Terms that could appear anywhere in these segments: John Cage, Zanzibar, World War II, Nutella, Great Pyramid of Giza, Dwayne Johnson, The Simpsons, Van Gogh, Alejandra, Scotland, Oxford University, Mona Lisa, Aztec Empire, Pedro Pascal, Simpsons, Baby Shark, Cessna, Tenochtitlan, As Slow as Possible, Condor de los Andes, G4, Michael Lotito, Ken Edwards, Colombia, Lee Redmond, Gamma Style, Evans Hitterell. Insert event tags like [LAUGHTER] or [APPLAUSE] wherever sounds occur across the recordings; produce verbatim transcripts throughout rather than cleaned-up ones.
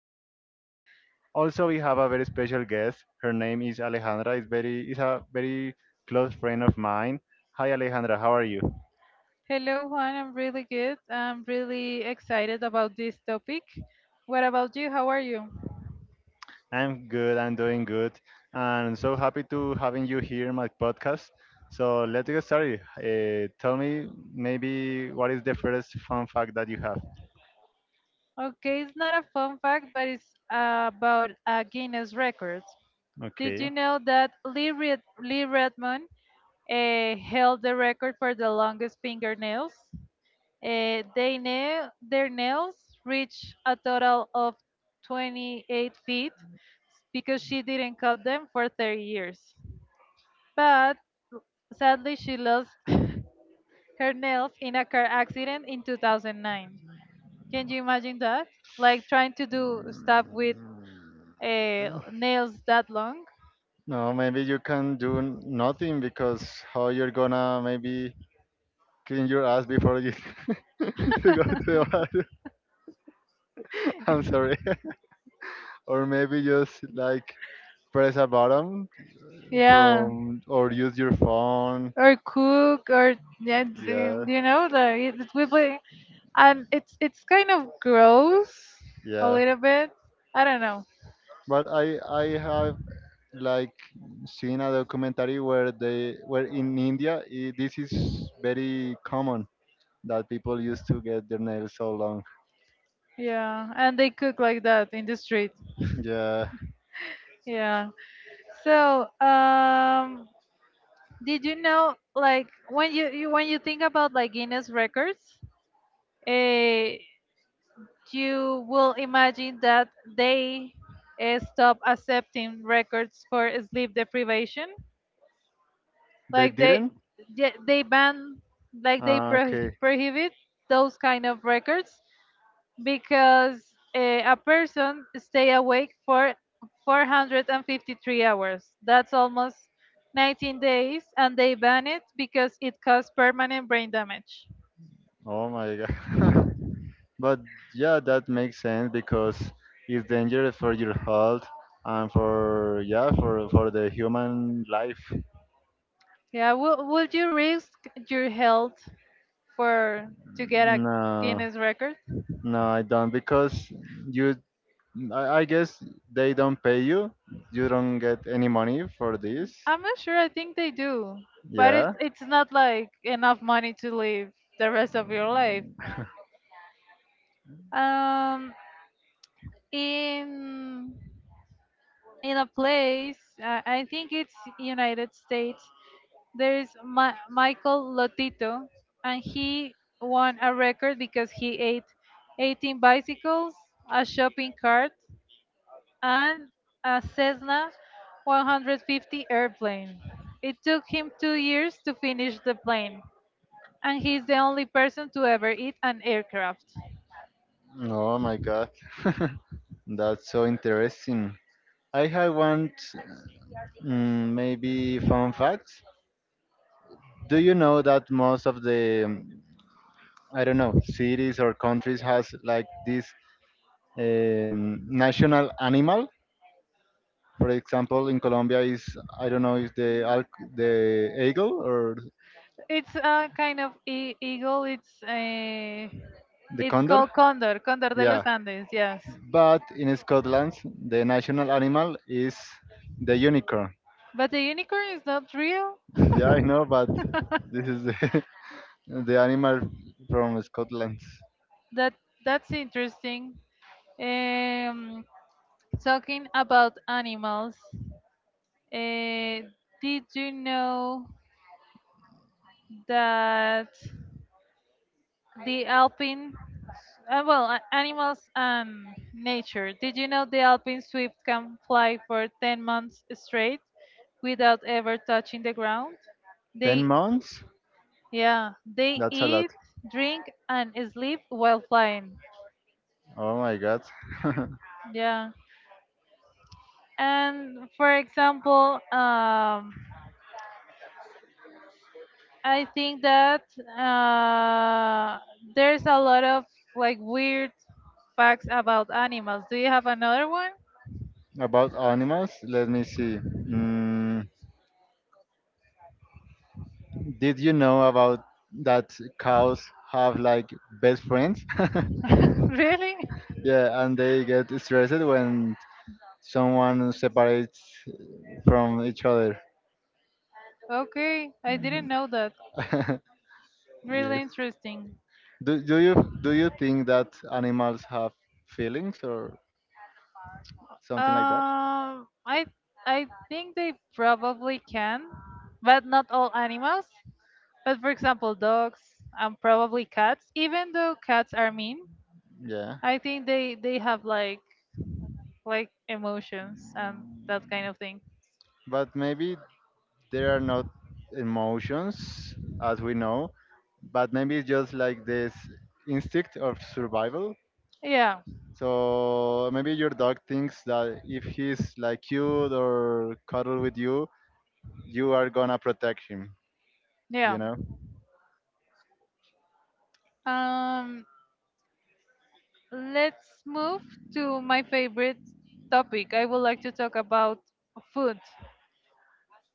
Let's see. Also, we have a very special guest. Her name is Alejandra. Is very is a very close friend of mine. Hi, Alejandra. How are you? Hello, Juan. I'm really good. I'm really excited about this topic. What about you? How are you? I'm good. I'm doing good, and so happy to having you here in my podcast. So let's get started. Uh, tell me maybe what is the first fun fact that you have? Okay, it's not a fun fact, but it's about a Guinness record. Did you Okay. know that Lee, Red- Lee Redmond uh, held the record for the longest fingernails? Uh, they nail their nails reached a total of twenty-eight feet because she didn't cut them for thirty years. But sadly, she lost [LAUGHS] herself in a car accident in two thousand nine. Can you imagine that? Like trying to do stuff with uh, nails that long? No, maybe you can do n- nothing because how you're gonna maybe clean your ass before you [LAUGHS] you go to the bathroom. [LAUGHS] I'm sorry. [LAUGHS] Or maybe just like press a button Yeah. from or use your phone. Or cook or, yeah, d- Yeah, you know, the. It will be, and it's, it's kind of gross a yeah. little bit. I don't know. But I I have like seen a documentary where they where in India I this is very common that people used to get their nails so long. Yeah. And they cook like that in the street. Yeah, Yeah. So, um, did you know, like, when you, you when you think about like Guinness records, uh, you will imagine that they uh, stop accepting records for sleep deprivation. they Like they didn't. they they ban, like they Ah, pro- okay. prohibit those kind of records because uh, a person stay awake for four hundred fifty-three hours. That's almost nineteen days, and they ban it because it caused permanent brain damage. Oh my god. [LAUGHS] But yeah, that makes sense because it's dangerous for your health and for, yeah, for for the human life. Yeah, will would you risk your health for to get a No. Guinness record? No, I don't because you. I, I guess they don't pay you. You don't get any money for this. I'm not sure. I think they do, but it's Yeah. it's not like enough money to live the rest of your life. Um, in in a place, uh, I think it's United States. There is Ma- Michael Lotito, and he won a record because he ate eighteen bicycles, a shopping cart, and a Cessna one hundred fifty airplane. It took him two years to finish the plane, and he's the only person to ever eat an aircraft. No, oh my God, [LAUGHS] that's so interesting. I have one, mm, maybe, fun fact. Do you know that most of the um, I don't know, cities or countries has like this um, national animal? For example, in Colombia is, I don't know, is the al- the eagle or It's a kind of e- eagle. It's a, the it's condor? called Condor, Condor de los Yeah. Andes. Yes, But in Scotland, the national animal is the unicorn. but the unicorn is not real. Yeah, I know, but this is the, [LAUGHS] the animal from Scotland. That that's interesting. Um, Talking about animals, uh, did you know that? The alpine, uh, well a- animals and nature, did you know the alpine swift can fly for ten months straight without ever touching the ground, ten they months? yeah, they That's a lot. eat, drink, and sleep while flying. Oh my god. Yeah. And for example, um I think that uh there's a lot of like weird facts about animals. Do you have another one? [LAUGHS] About animals, let me see. Mm, did you know about that cows have like best friends? [LAUGHS] [LAUGHS] really? Yeah, and they get stressed when someone separates from each other. Okay, I didn't know that. [LAUGHS] Really Yes. interesting. Do, do you do you think that animals have feelings or something like that? Um, I I think they probably can, but not all animals. But for example, dogs and probably cats. Even though cats are mean, Yeah, I think they they have like like emotions and that kind of thing. but maybe there are not emotions as we know, but maybe it's just like this instinct of survival. Yeah, So maybe your dog thinks that if he's like cute or cuddle with you, you are gonna protect him. You yeah. know? Um, let's move to my favorite topic. I would like to talk about food.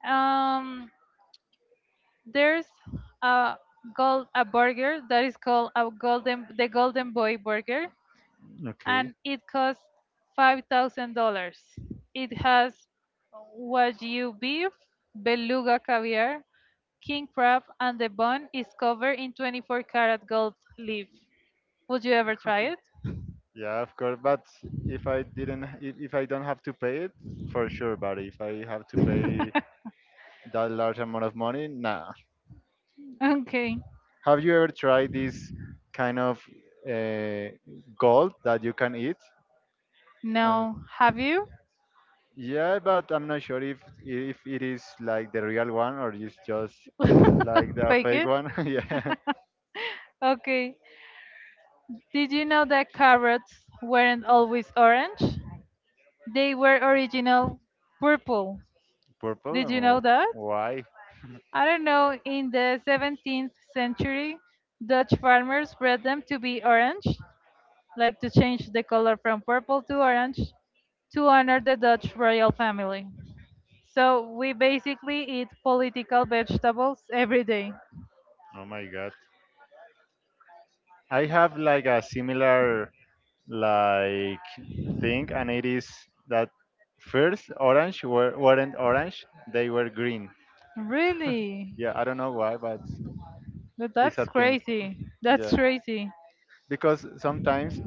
Um, there's a gold a burger that is called a golden the golden boy burger, Okay. and it costs five thousand dollars. It has wagyu beef, beluga caviar, king crab, and the bun is covered in twenty-four karat gold leaf. Would you ever try it? Yeah, of course. But if I didn't, if if I don't have to pay it, for sure. But if I have to pay that large amount of money? Nah. Okay. Have you ever tried this kind of uh, gold that you can eat? And, No, have you? yeah, but I'm not sure if if it is like the real one or it's just like [LAUGHS] the Fake fake it. one. [LAUGHS] Yeah, Okay. Did you know that carrots weren't always orange? They were original purple. purple. Did And you know that? wh- why? [LAUGHS] I don't know, in the seventeenth century, Dutch farmers bred them to be orange, like to change the color from purple to orange to honor the Dutch royal family. So we basically eat political vegetables every day. Oh my god. I have like a similar like thing, and it is that first orange were, weren't orange; they were green. Really? Yeah, I don't know why, but But it's that's a thing. crazy. That's Yeah, crazy. because sometimes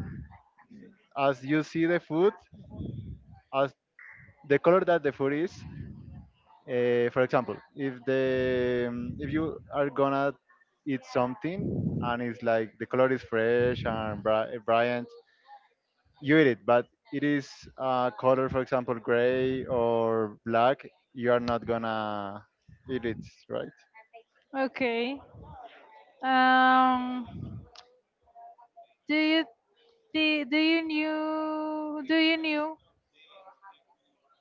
as you see the food, as the color that the food is, uh, for example, if the um, if you are gonna eat something and it's like the color is fresh and bri- brilliant, you eat it, but it is uh, color, for example, gray or black, you are not gonna eat it, right? Okay. Um do you thi- do you knew do you knew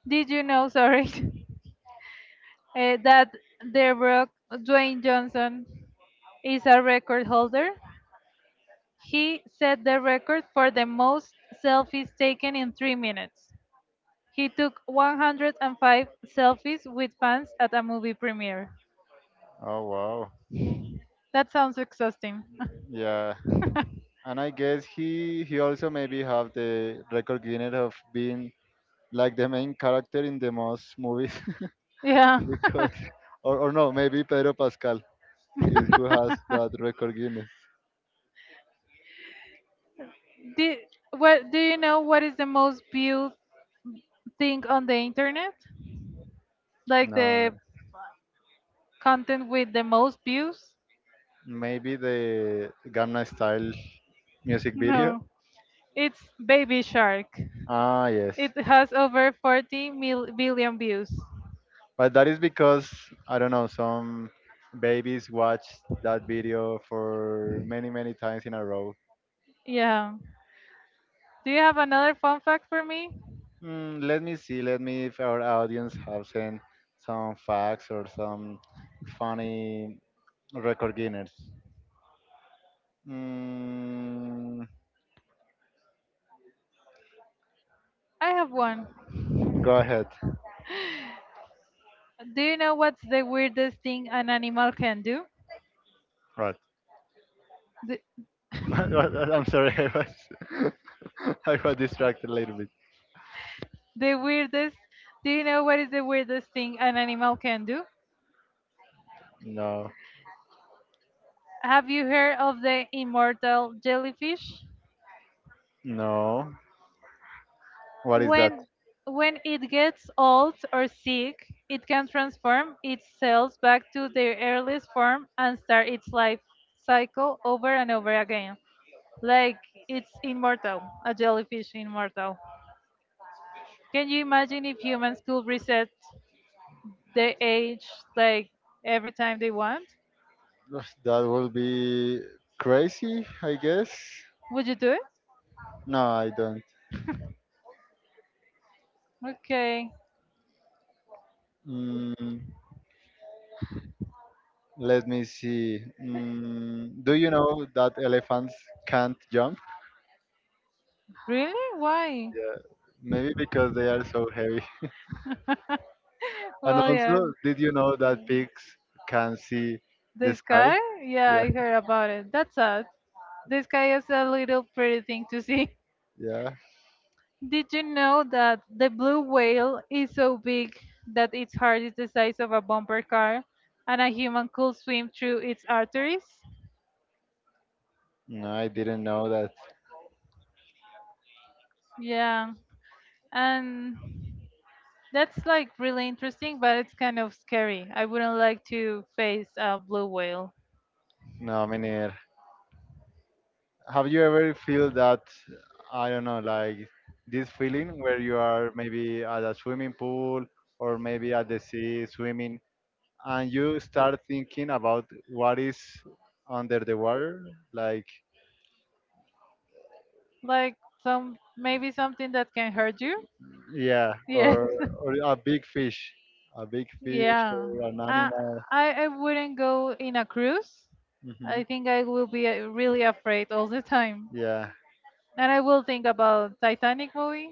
Did you know, sorry, [LAUGHS] eh, that the Rock Dwayne Johnson is a record holder? He set the record for the most selfies taken in three minutes. He took one hundred five selfies with fans at a movie premiere. Oh wow, That sounds exhausting. yeah. And I guess he he also maybe have the record Guinness of being like the main character in the most movies [LAUGHS] Yeah. [LAUGHS] because or or, no, maybe Pedro Pascal is who has that record Guinness. [LAUGHS] do, what, do you know what is the most viewed thing on the internet? Like No, the content with the most views? maybe the Gamma Style music video. No. It's Baby Shark. Ah, yes, It has over forty mil- billion views. but that is because I don't know, some babies watch that video for many many times in a row. Yeah. Do you have another fun fact for me? Mm, let me see. Let me if our audience have sent some facts or some funny record Guinness. Mm, I have one. go ahead. Do you know what's the weirdest thing an animal can do? What? The, [LAUGHS] What- what- I'm sorry. I was [LAUGHS] I was distracted a little bit. the weirdest. Do you know what is the weirdest thing an animal can do? No, Have you heard of the immortal jellyfish? no. What is that? When when it gets old or sick, it can transform its cells back to their earliest form and start its life cycle over and over again. Like it's immortal, a jellyfish immortal. Can you imagine if humans could reset their age like every time they want? [LAUGHS] That will be crazy, I guess. Would you do it? No, I don't. Okay. Mm, let me see. Mm, do you know that elephants can't jump? Really? Why? Yeah, maybe because they are so heavy. [LAUGHS] And Well, yeah. also, did you know that pigs can see the The sky? sky? Yeah, Yeah, I heard about it. That's sad. The sky is a little pretty thing to see. [LAUGHS] yeah. Did you know that the blue whale is so big that its heart is the size of a bumper car and a human could swim through its arteries? No, I didn't know that. Yeah, and that's like really interesting, but it's kind of scary. I wouldn't like to face a blue whale. No, me neither. Have you ever feel that, I don't know, like this feeling where you are maybe at a swimming pool or maybe at the sea swimming and you start thinking about what is under the water? Like, Like some, maybe something that can hurt you. yeah, Yes. or, [LAUGHS] or a big fish. a big fish. Yeah. Or an I animal. I I wouldn't go in a cruise. Hmm. I think I will be uh, really afraid all the time. Yeah. And I will think about Titanic movie.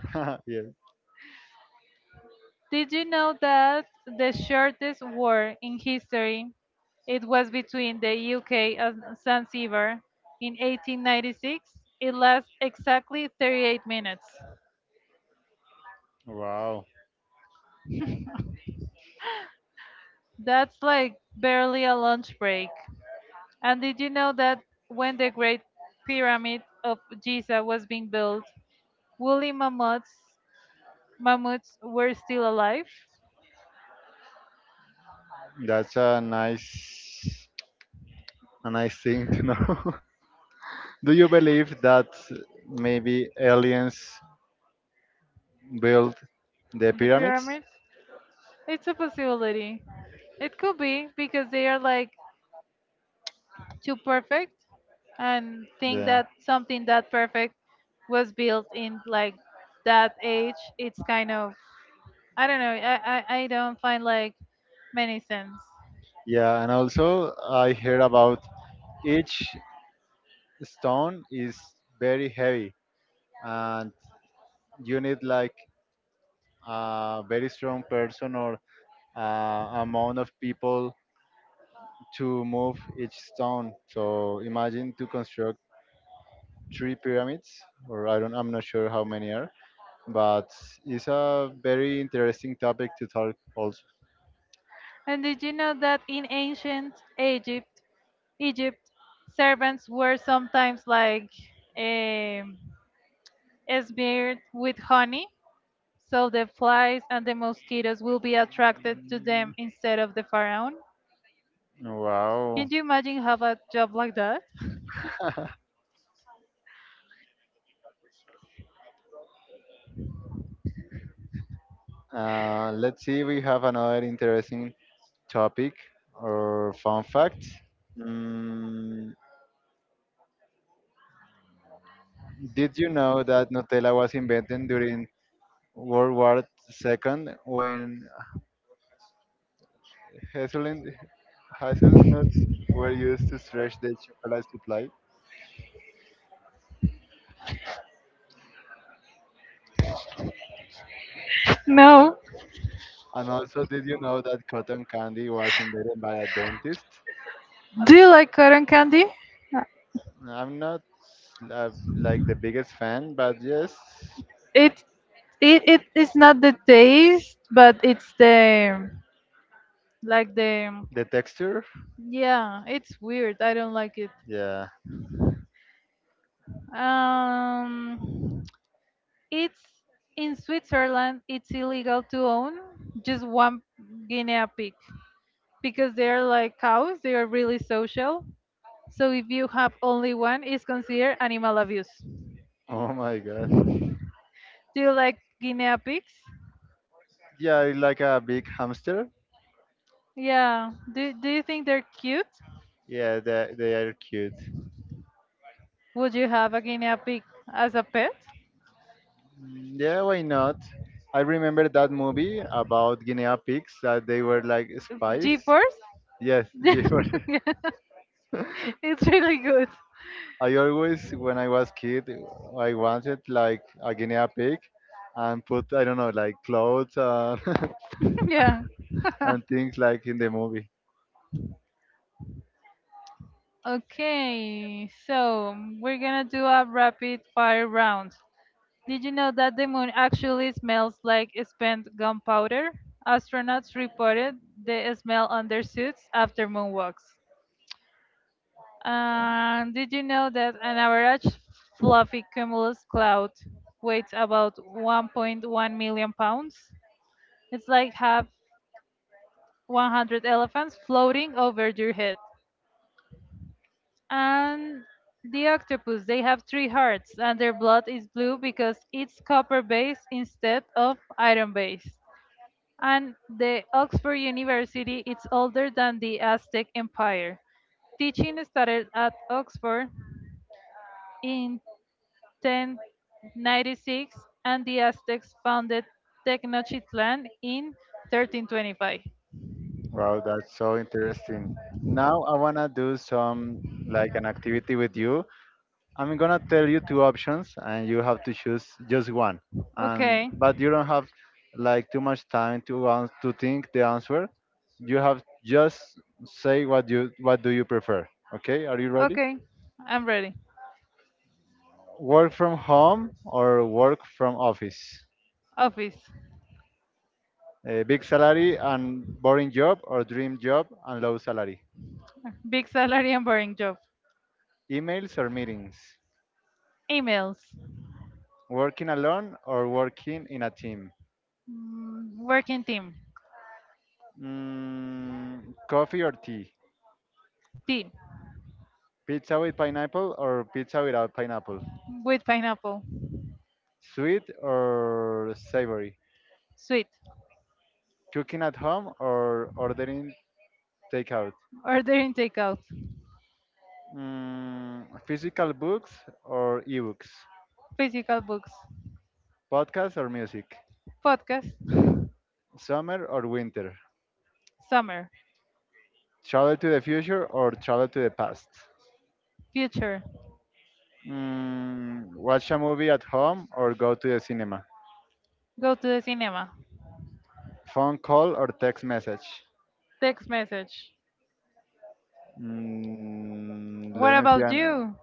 [LAUGHS] Yes. Did you know that the shortest war in history, it was between the U K and Zanzibar in eighteen ninety-six? It lasts exactly thirty-eight minutes. Wow. That's like barely a lunch break. And did you know that when the Great Pyramid of Giza was being built, woolly mammoths mammoths were still alive? That's a nice, a nice thing to know. [LAUGHS] Do you believe that maybe aliens built the The pyramids? pyramids? It's a possibility. It could be because they are like too perfect, and think Yeah. that something that perfect was built in like that age, it's kind of, I don't know. i i, I don't find like many sense. Yeah, and also I heard about each stone is very heavy, and you need like a very strong person or uh, amount of people to move each stone. So imagine to construct three pyramids, or I don't, I'm not sure how many are, but it's a very interesting topic to talk also. And did you know that in ancient egypt, egypt servants were sometimes like um smeared with honey so the flies and the mosquitoes will be attracted to them instead of the pharaoh? Can Wow. you imagine have a job like that? [LAUGHS] Uh, let's see, we have another interesting topic or fun fact. Mm, did you know that Nutella was invented during World War two when hazelnut, hazelnuts were used to stretch the chocolate supply? [LAUGHS] no. And also, did you know that cotton candy was invented by a dentist? Do you like cotton candy? I'm not uh, like the biggest fan, but yes, It it it is not the taste, but it's the, like, the... the texture. Yeah, it's weird. I don't like it. Yeah. Um, it's in Switzerland. It's illegal to own just one guinea pig because they are like cows. They are really social. So if you have only one, it's considered animal abuse. Oh my god. Do you like guinea pigs? Yeah, I like a big hamster. Yeah. Do Do you think they're cute? Yeah, they they are cute. Would you have a guinea pig as a pet? Mm, Yeah, why not? I remember that movie about guinea pigs that they were like spies. G-force? Yes, [LAUGHS] G four. [LAUGHS] Yeah. It's really good. I always, when I was kid, I wanted like a guinea pig, and put I don't know like clothes and [LAUGHS] [LAUGHS] Yeah. [LAUGHS] and things like in the movie. Okay, so we're gonna do a rapid fire round. Did you know that the moon actually smells like spent gunpowder? Astronauts reported the smell on their suits after moonwalks. And did you know that an average fluffy cumulus cloud weighs about one point one million pounds? It's like have one hundred elephants floating over your head. And the octopus, they have three hearts, and their blood is blue because it's copper based instead of iron based. And the Oxford University its older than the Aztec Empire. Teaching started at Oxford in ten ninety-six, and the Aztecs founded Tenochtitlan in thirteen twenty-five. Wow, that's so interesting. Now I wanna do some like an activity with you. I'm gonna tell you two options, and you have to choose just one. And Okay. but you don't have like too much time to ans to think the answer. You have just say what you what do you prefer. Okay, are you ready? Okay. I'm ready. Work from home or work from office. Office. A big salary and boring job or dream job and low salary. Big salary and boring job. Emails or meetings. Emails. Working alone or working in a team. Mm, Working team. Mm, coffee or tea. Tea. Pizza with pineapple or pizza without pineapple. With pineapple. Sweet or savory. Sweet. Cooking at home or ordering takeout. Ordering takeout. Mm, physical books or ebooks. Physical books. Podcasts or music. Podcast. Summer or winter. Summer. Travel to the future or travel to the past? Future. Mm, watch a movie at home or go to the cinema? Go to the cinema. Phone call or text message? Text message. Mm, let What me see. about an- you?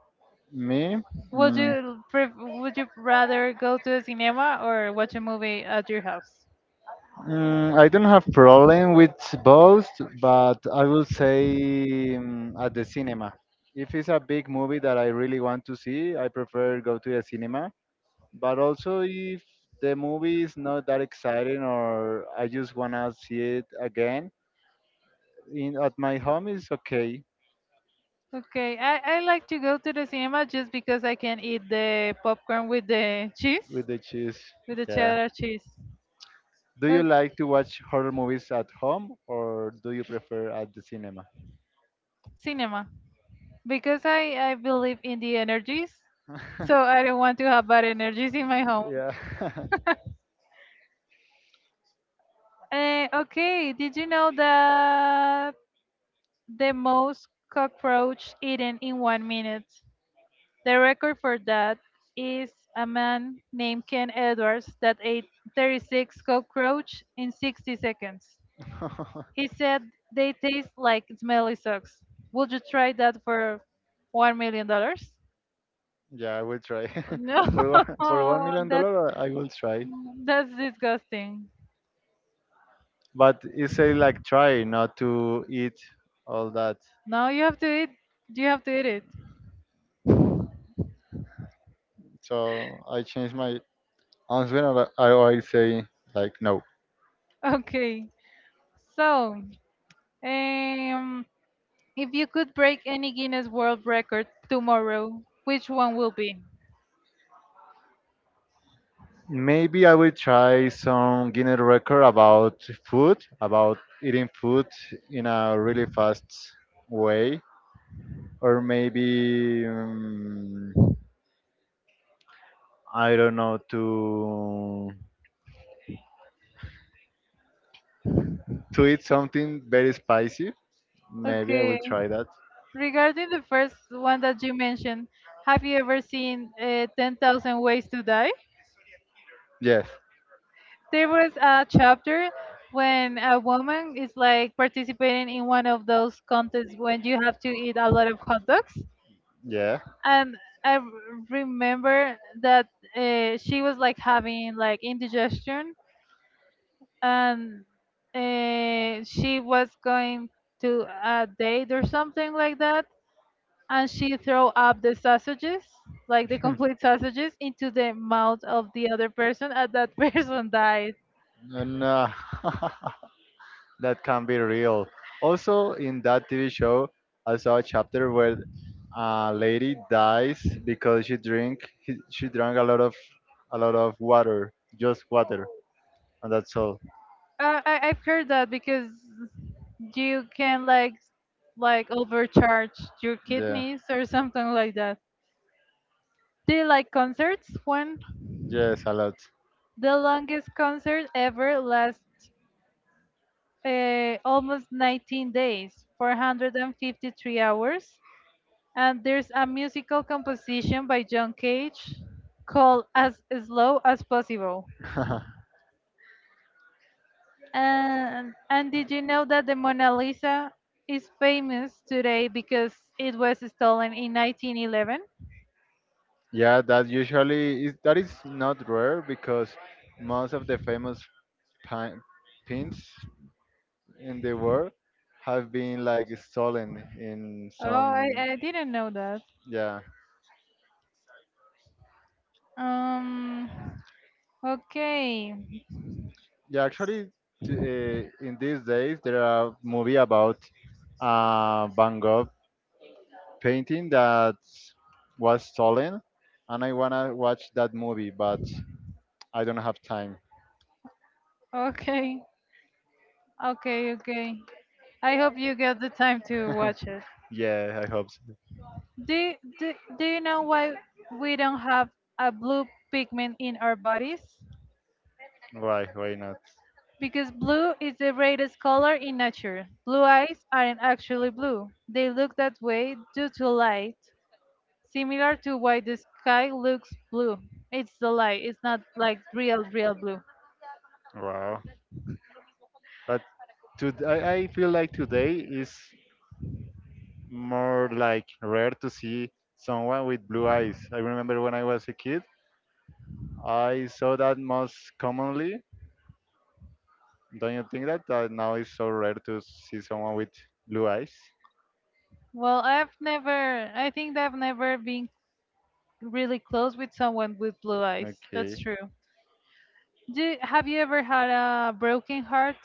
Me? Would Mm, you pref- would you rather go to the cinema or watch a movie at your house? mm, I don't have problem with both, but I will say, mm, at the cinema. If it's a big movie that I really want to see, I prefer go to the cinema. But also if the movie is not that exciting or I just wanna see it again, in at my home is okay Okay, I, I like to go to the cinema just because I can eat the popcorn with the cheese, with the cheese. with the Yeah. cheddar cheese. Do Uh, you like to watch horror movies at home or do you prefer at the cinema? Cinema, because I, I believe in the energies, so I don't want to have bad energies in my home. Yeah. [LAUGHS] Uh, okay, did you know that the most cockroach eaten in one minute. The record for that is a man named Ken Edwards that ate thirty-six cockroach in sixty seconds. [LAUGHS] He said they taste like smelly socks. Would you try that for one million dollars? Yeah, I will try. No, [LAUGHS] for one, for one [LAUGHS] million that dollar, I will try. that's disgusting. But it's a like try not to eat all that. Now you have to eat. You have to eat it. So I change my answer and I I always say like no. Okay. So, um, If you could break any Guinness World Record tomorrow, which one will be? Maybe I will try some Guinness record about food, about eating food in a really fast way, or maybe um, I don't know to to eat something very spicy. Maybe I Okay. will try that. Regarding the first one that you mentioned, have you ever seen uh, ten thousand Ways to Die? Yes. There was a chapter when a woman is like participating in one of those contests when you have to eat a lot of hot dogs. Yeah. And I r- remember that uh, she was like having like indigestion, and uh, she was going to a date or something like that, and she throw up the sausages, like the complete sausages, into the mouth of the other person, and that [LAUGHS] person died. And, uh, [LAUGHS] that can be real. Also, in that T V show, I saw a chapter where a lady dies because she drink he- she drank a lot of a lot of water, just water, and that's all. uh, I, I've heard that because you can like like overcharge your Yeah. kidneys or something like that. They like concerts. When Yes, a lot. the longest concert ever lasts uh, almost nineteen days, four hundred fifty-three hours. And there's a musical composition by John Cage called As Slow as Possible. [LAUGHS] And, and did you know that the Mona Lisa is famous today because it was stolen in nineteen eleven? Yeah, that usually is that is not rare because most of the famous pin- pins in the world have been like stolen in Oh, I, some. I didn't know that. Yeah, Um, okay, yeah, actually t- uh, in these days there are movie about uh, Van Gogh painting that was stolen, and I wanna watch that movie, but I don't have time. okay, okay, okay. I hope you get the time to watch it. [LAUGHS] Yeah, I hope. So. Do, do, do you know why we don't have a blue pigment in our bodies? Why? Why not? Because blue is the brightest color in nature. Blue eyes aren't actually blue. They look that way due to light, similar to why the sky looks blue. It's the light, it's not like real, real blue. Wow. But to, I, I feel like today is more like rare to see someone with blue eyes. I remember when I was a kid, I saw that most commonly. Don't you think that, that now it's so rare to see someone with blue eyes? Well, I've never, I think I've never been really close with someone with blue eyes. That's Okay. true. Do, have you ever had a broken heart?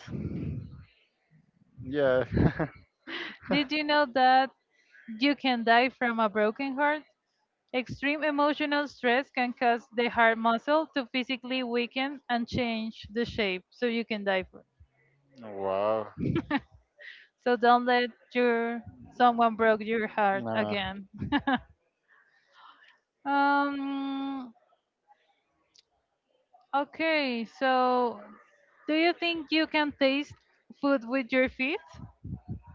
Yeah. Did you know that? You can die from a broken heart. Extreme emotional stress can cause the heart muscle to physically weaken and change the shape, so you can die for. [LAUGHS] Wow. So don't let your someone broke your heart Nah. again. Um. Okay. So, do you think you can taste food with your feet?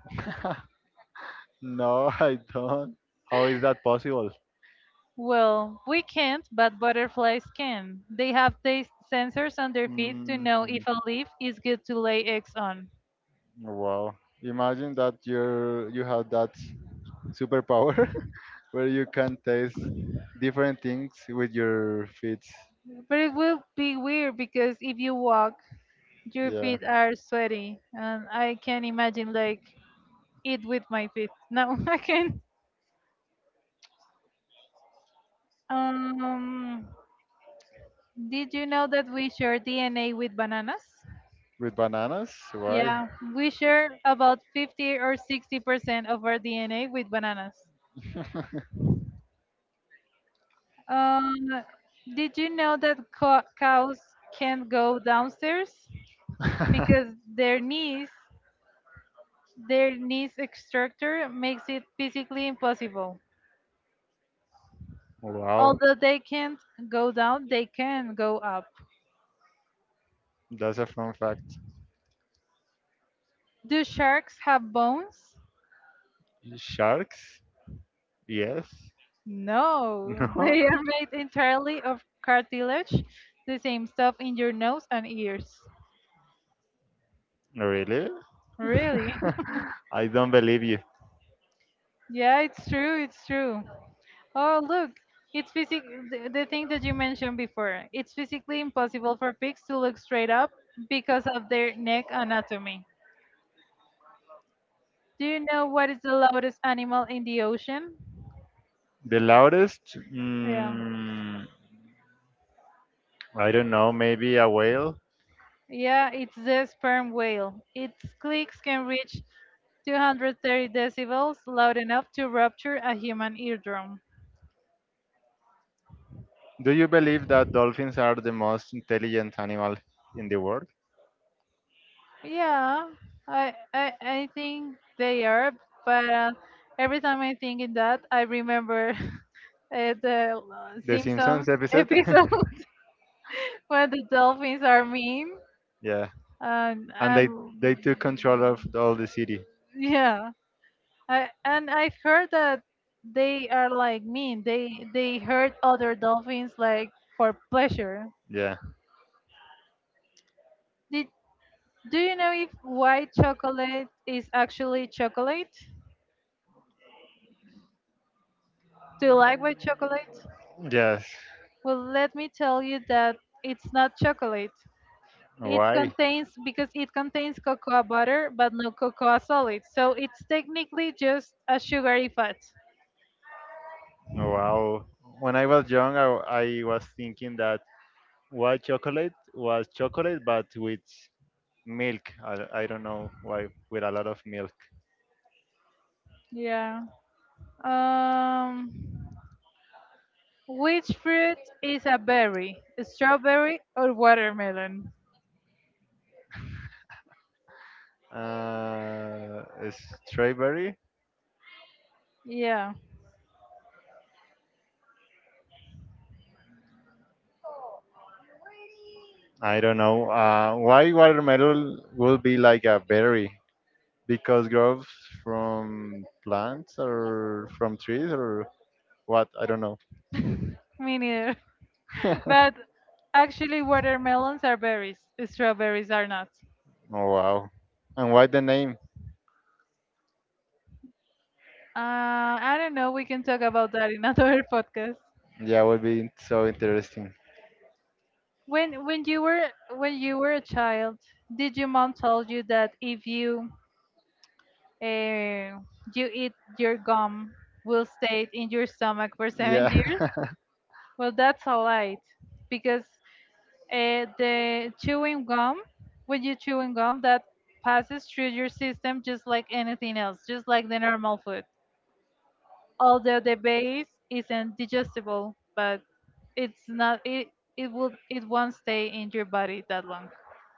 [LAUGHS] No, I don't. How is that possible? Well, we can't, but butterflies can. They have taste sensors on their feet to Hmm. know if a leaf is good to lay eggs on. Wow. Imagine that you're you have that superpower [LAUGHS] where you can taste different things with your feet. But it will be weird because if you walk, your Yeah. feet are sweaty, and I can imagine like it with my feet. No, [LAUGHS] I can. Um, did you know that we share D N A with bananas? With bananas? Why? Yeah, we share about fifty or sixty percent of our D N A with bananas. [LAUGHS] Um, did you know that co- cows can not go downstairs because their knees, their knees structure makes it physically impossible? Wow. Although they can't go down, they can go up. That's a fun fact. Do sharks have bones? Sharks? Yes. No, [LAUGHS] No, they are made entirely of cartilage, the same stuff in your nose and ears. really? Really? [LAUGHS] [LAUGHS] I don't believe you. Yeah, it's true, it's true. Oh, look, it's physic the, the thing that you mentioned before. It's physically impossible for pigs to look straight up because of their neck anatomy. Do you know what is the loudest animal in the ocean? The loudest? Yeah. Mm, I don't know, maybe a whale. Yeah, it's the sperm whale. Its clicks can reach two hundred thirty decibels, loud enough to rupture a human eardrum. Do you believe that dolphins are the most intelligent animal in the world? Yeah, I I, I think they are, but uh, every time I think in that, I remember [LAUGHS] uh, the uh, The Simpsons Simpsons episode? episode [LAUGHS] [LAUGHS] where the dolphins are mean, Yeah. and And they um, they took control of all the city. yeah, I, and I've heard that they are like mean. They they hurt other dolphins like for pleasure. Yeah. Did Do you know if white chocolate is actually chocolate? Do you like white chocolate? Yes. Well, let me tell you that it's not chocolate. It Why? contains Because it contains cocoa butter, but no cocoa solid. So it's technically just a sugary fat. Oh, wow. When I was young, I, I was thinking that white chocolate was chocolate, but with milk. I, I don't know why, with a lot of milk. Yeah. Um. Which fruit is a berry? Strawberry or watermelon? Uh, strawberry? Yeah, I don't know. Uh, why watermelon will be like a berry? Because grows from plants or from trees or what? I don't know. me neither. [LAUGHS] [LAUGHS] But actually, watermelons are berries. Strawberries are not. Oh, wow. And why the name? Uh, I don't know. We can talk about that in another [LAUGHS] podcast. Yeah, would be so interesting. When when you were when you were a child, did your mom told you that if you uh, you eat your gum will stay in your stomach for seven Yeah, years? [LAUGHS] Well, that's a lie, because uh, the chewing gum, when you chewing gum, that passes through your system just like anything else, just like the normal food. Although the base isn't digestible, but it's not it it will it won't stay in your body that long.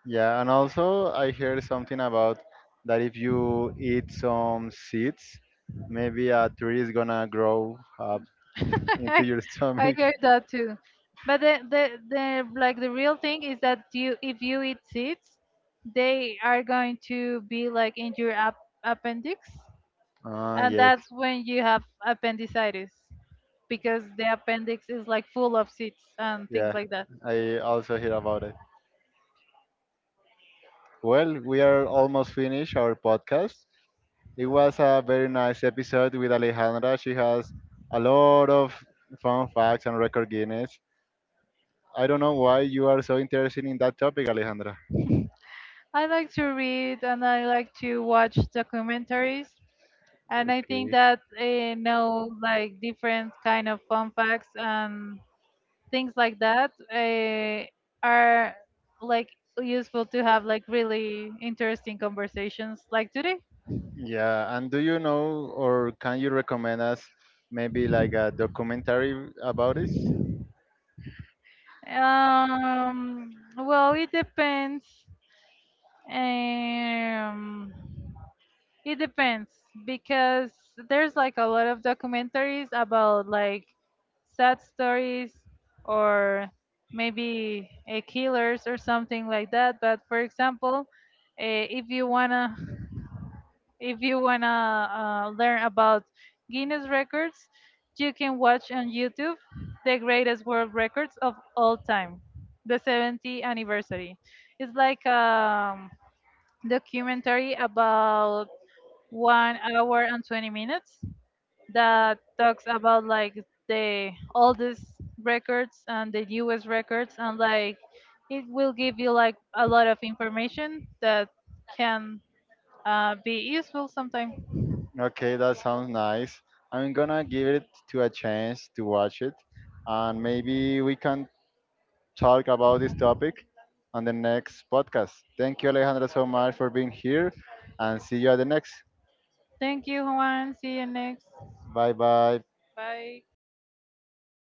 yeah, and also I heard something about that if you eat some seeds, maybe a tree is gonna grow up into your [LAUGHS] I stomach. [LAUGHS] heard that too. But the, the the like the real thing is that you if you eat seeds, they are going to be like in your ap- appendix Ah, and yes, that's when you have appendicitis because the appendix is like full of seeds and things yeah, like that. I also hear about it. Well, we are almost finished our podcast. It was a very nice episode with Alejandra. She has a lot of fun facts and record Guinness. I don't know why you are so interested in that topic, Alejandra. I like to read and I like to watch documentaries and I think Okay. that I know like different kind of fun facts and things like that uh, are like useful to have like really interesting conversations like today. Yeah, and do you know or can you recommend us maybe like a documentary about it? Um, well, it depends. Um, It depends because there's like a lot of documentaries about like sad stories or maybe a killers or something like that. But for example, eh, if you wanna [LAUGHS] if you wanna uh, learn about Guinness records, you can watch on YouTube the greatest world records of all time, the seventieth anniversary. It's like um documentary about one hour and twenty minutes that talks about like the all these records and the U S records and like it will give you like a lot of information that can uh, be useful sometime. Okay, that sounds nice. I'm gonna give it to a chance to watch it, and maybe we can talk about this topic on the next podcast. Thank you, Alejandra, so much for being here, and see you at the next. Thank you, Juan. See you next. Bye bye. Bye.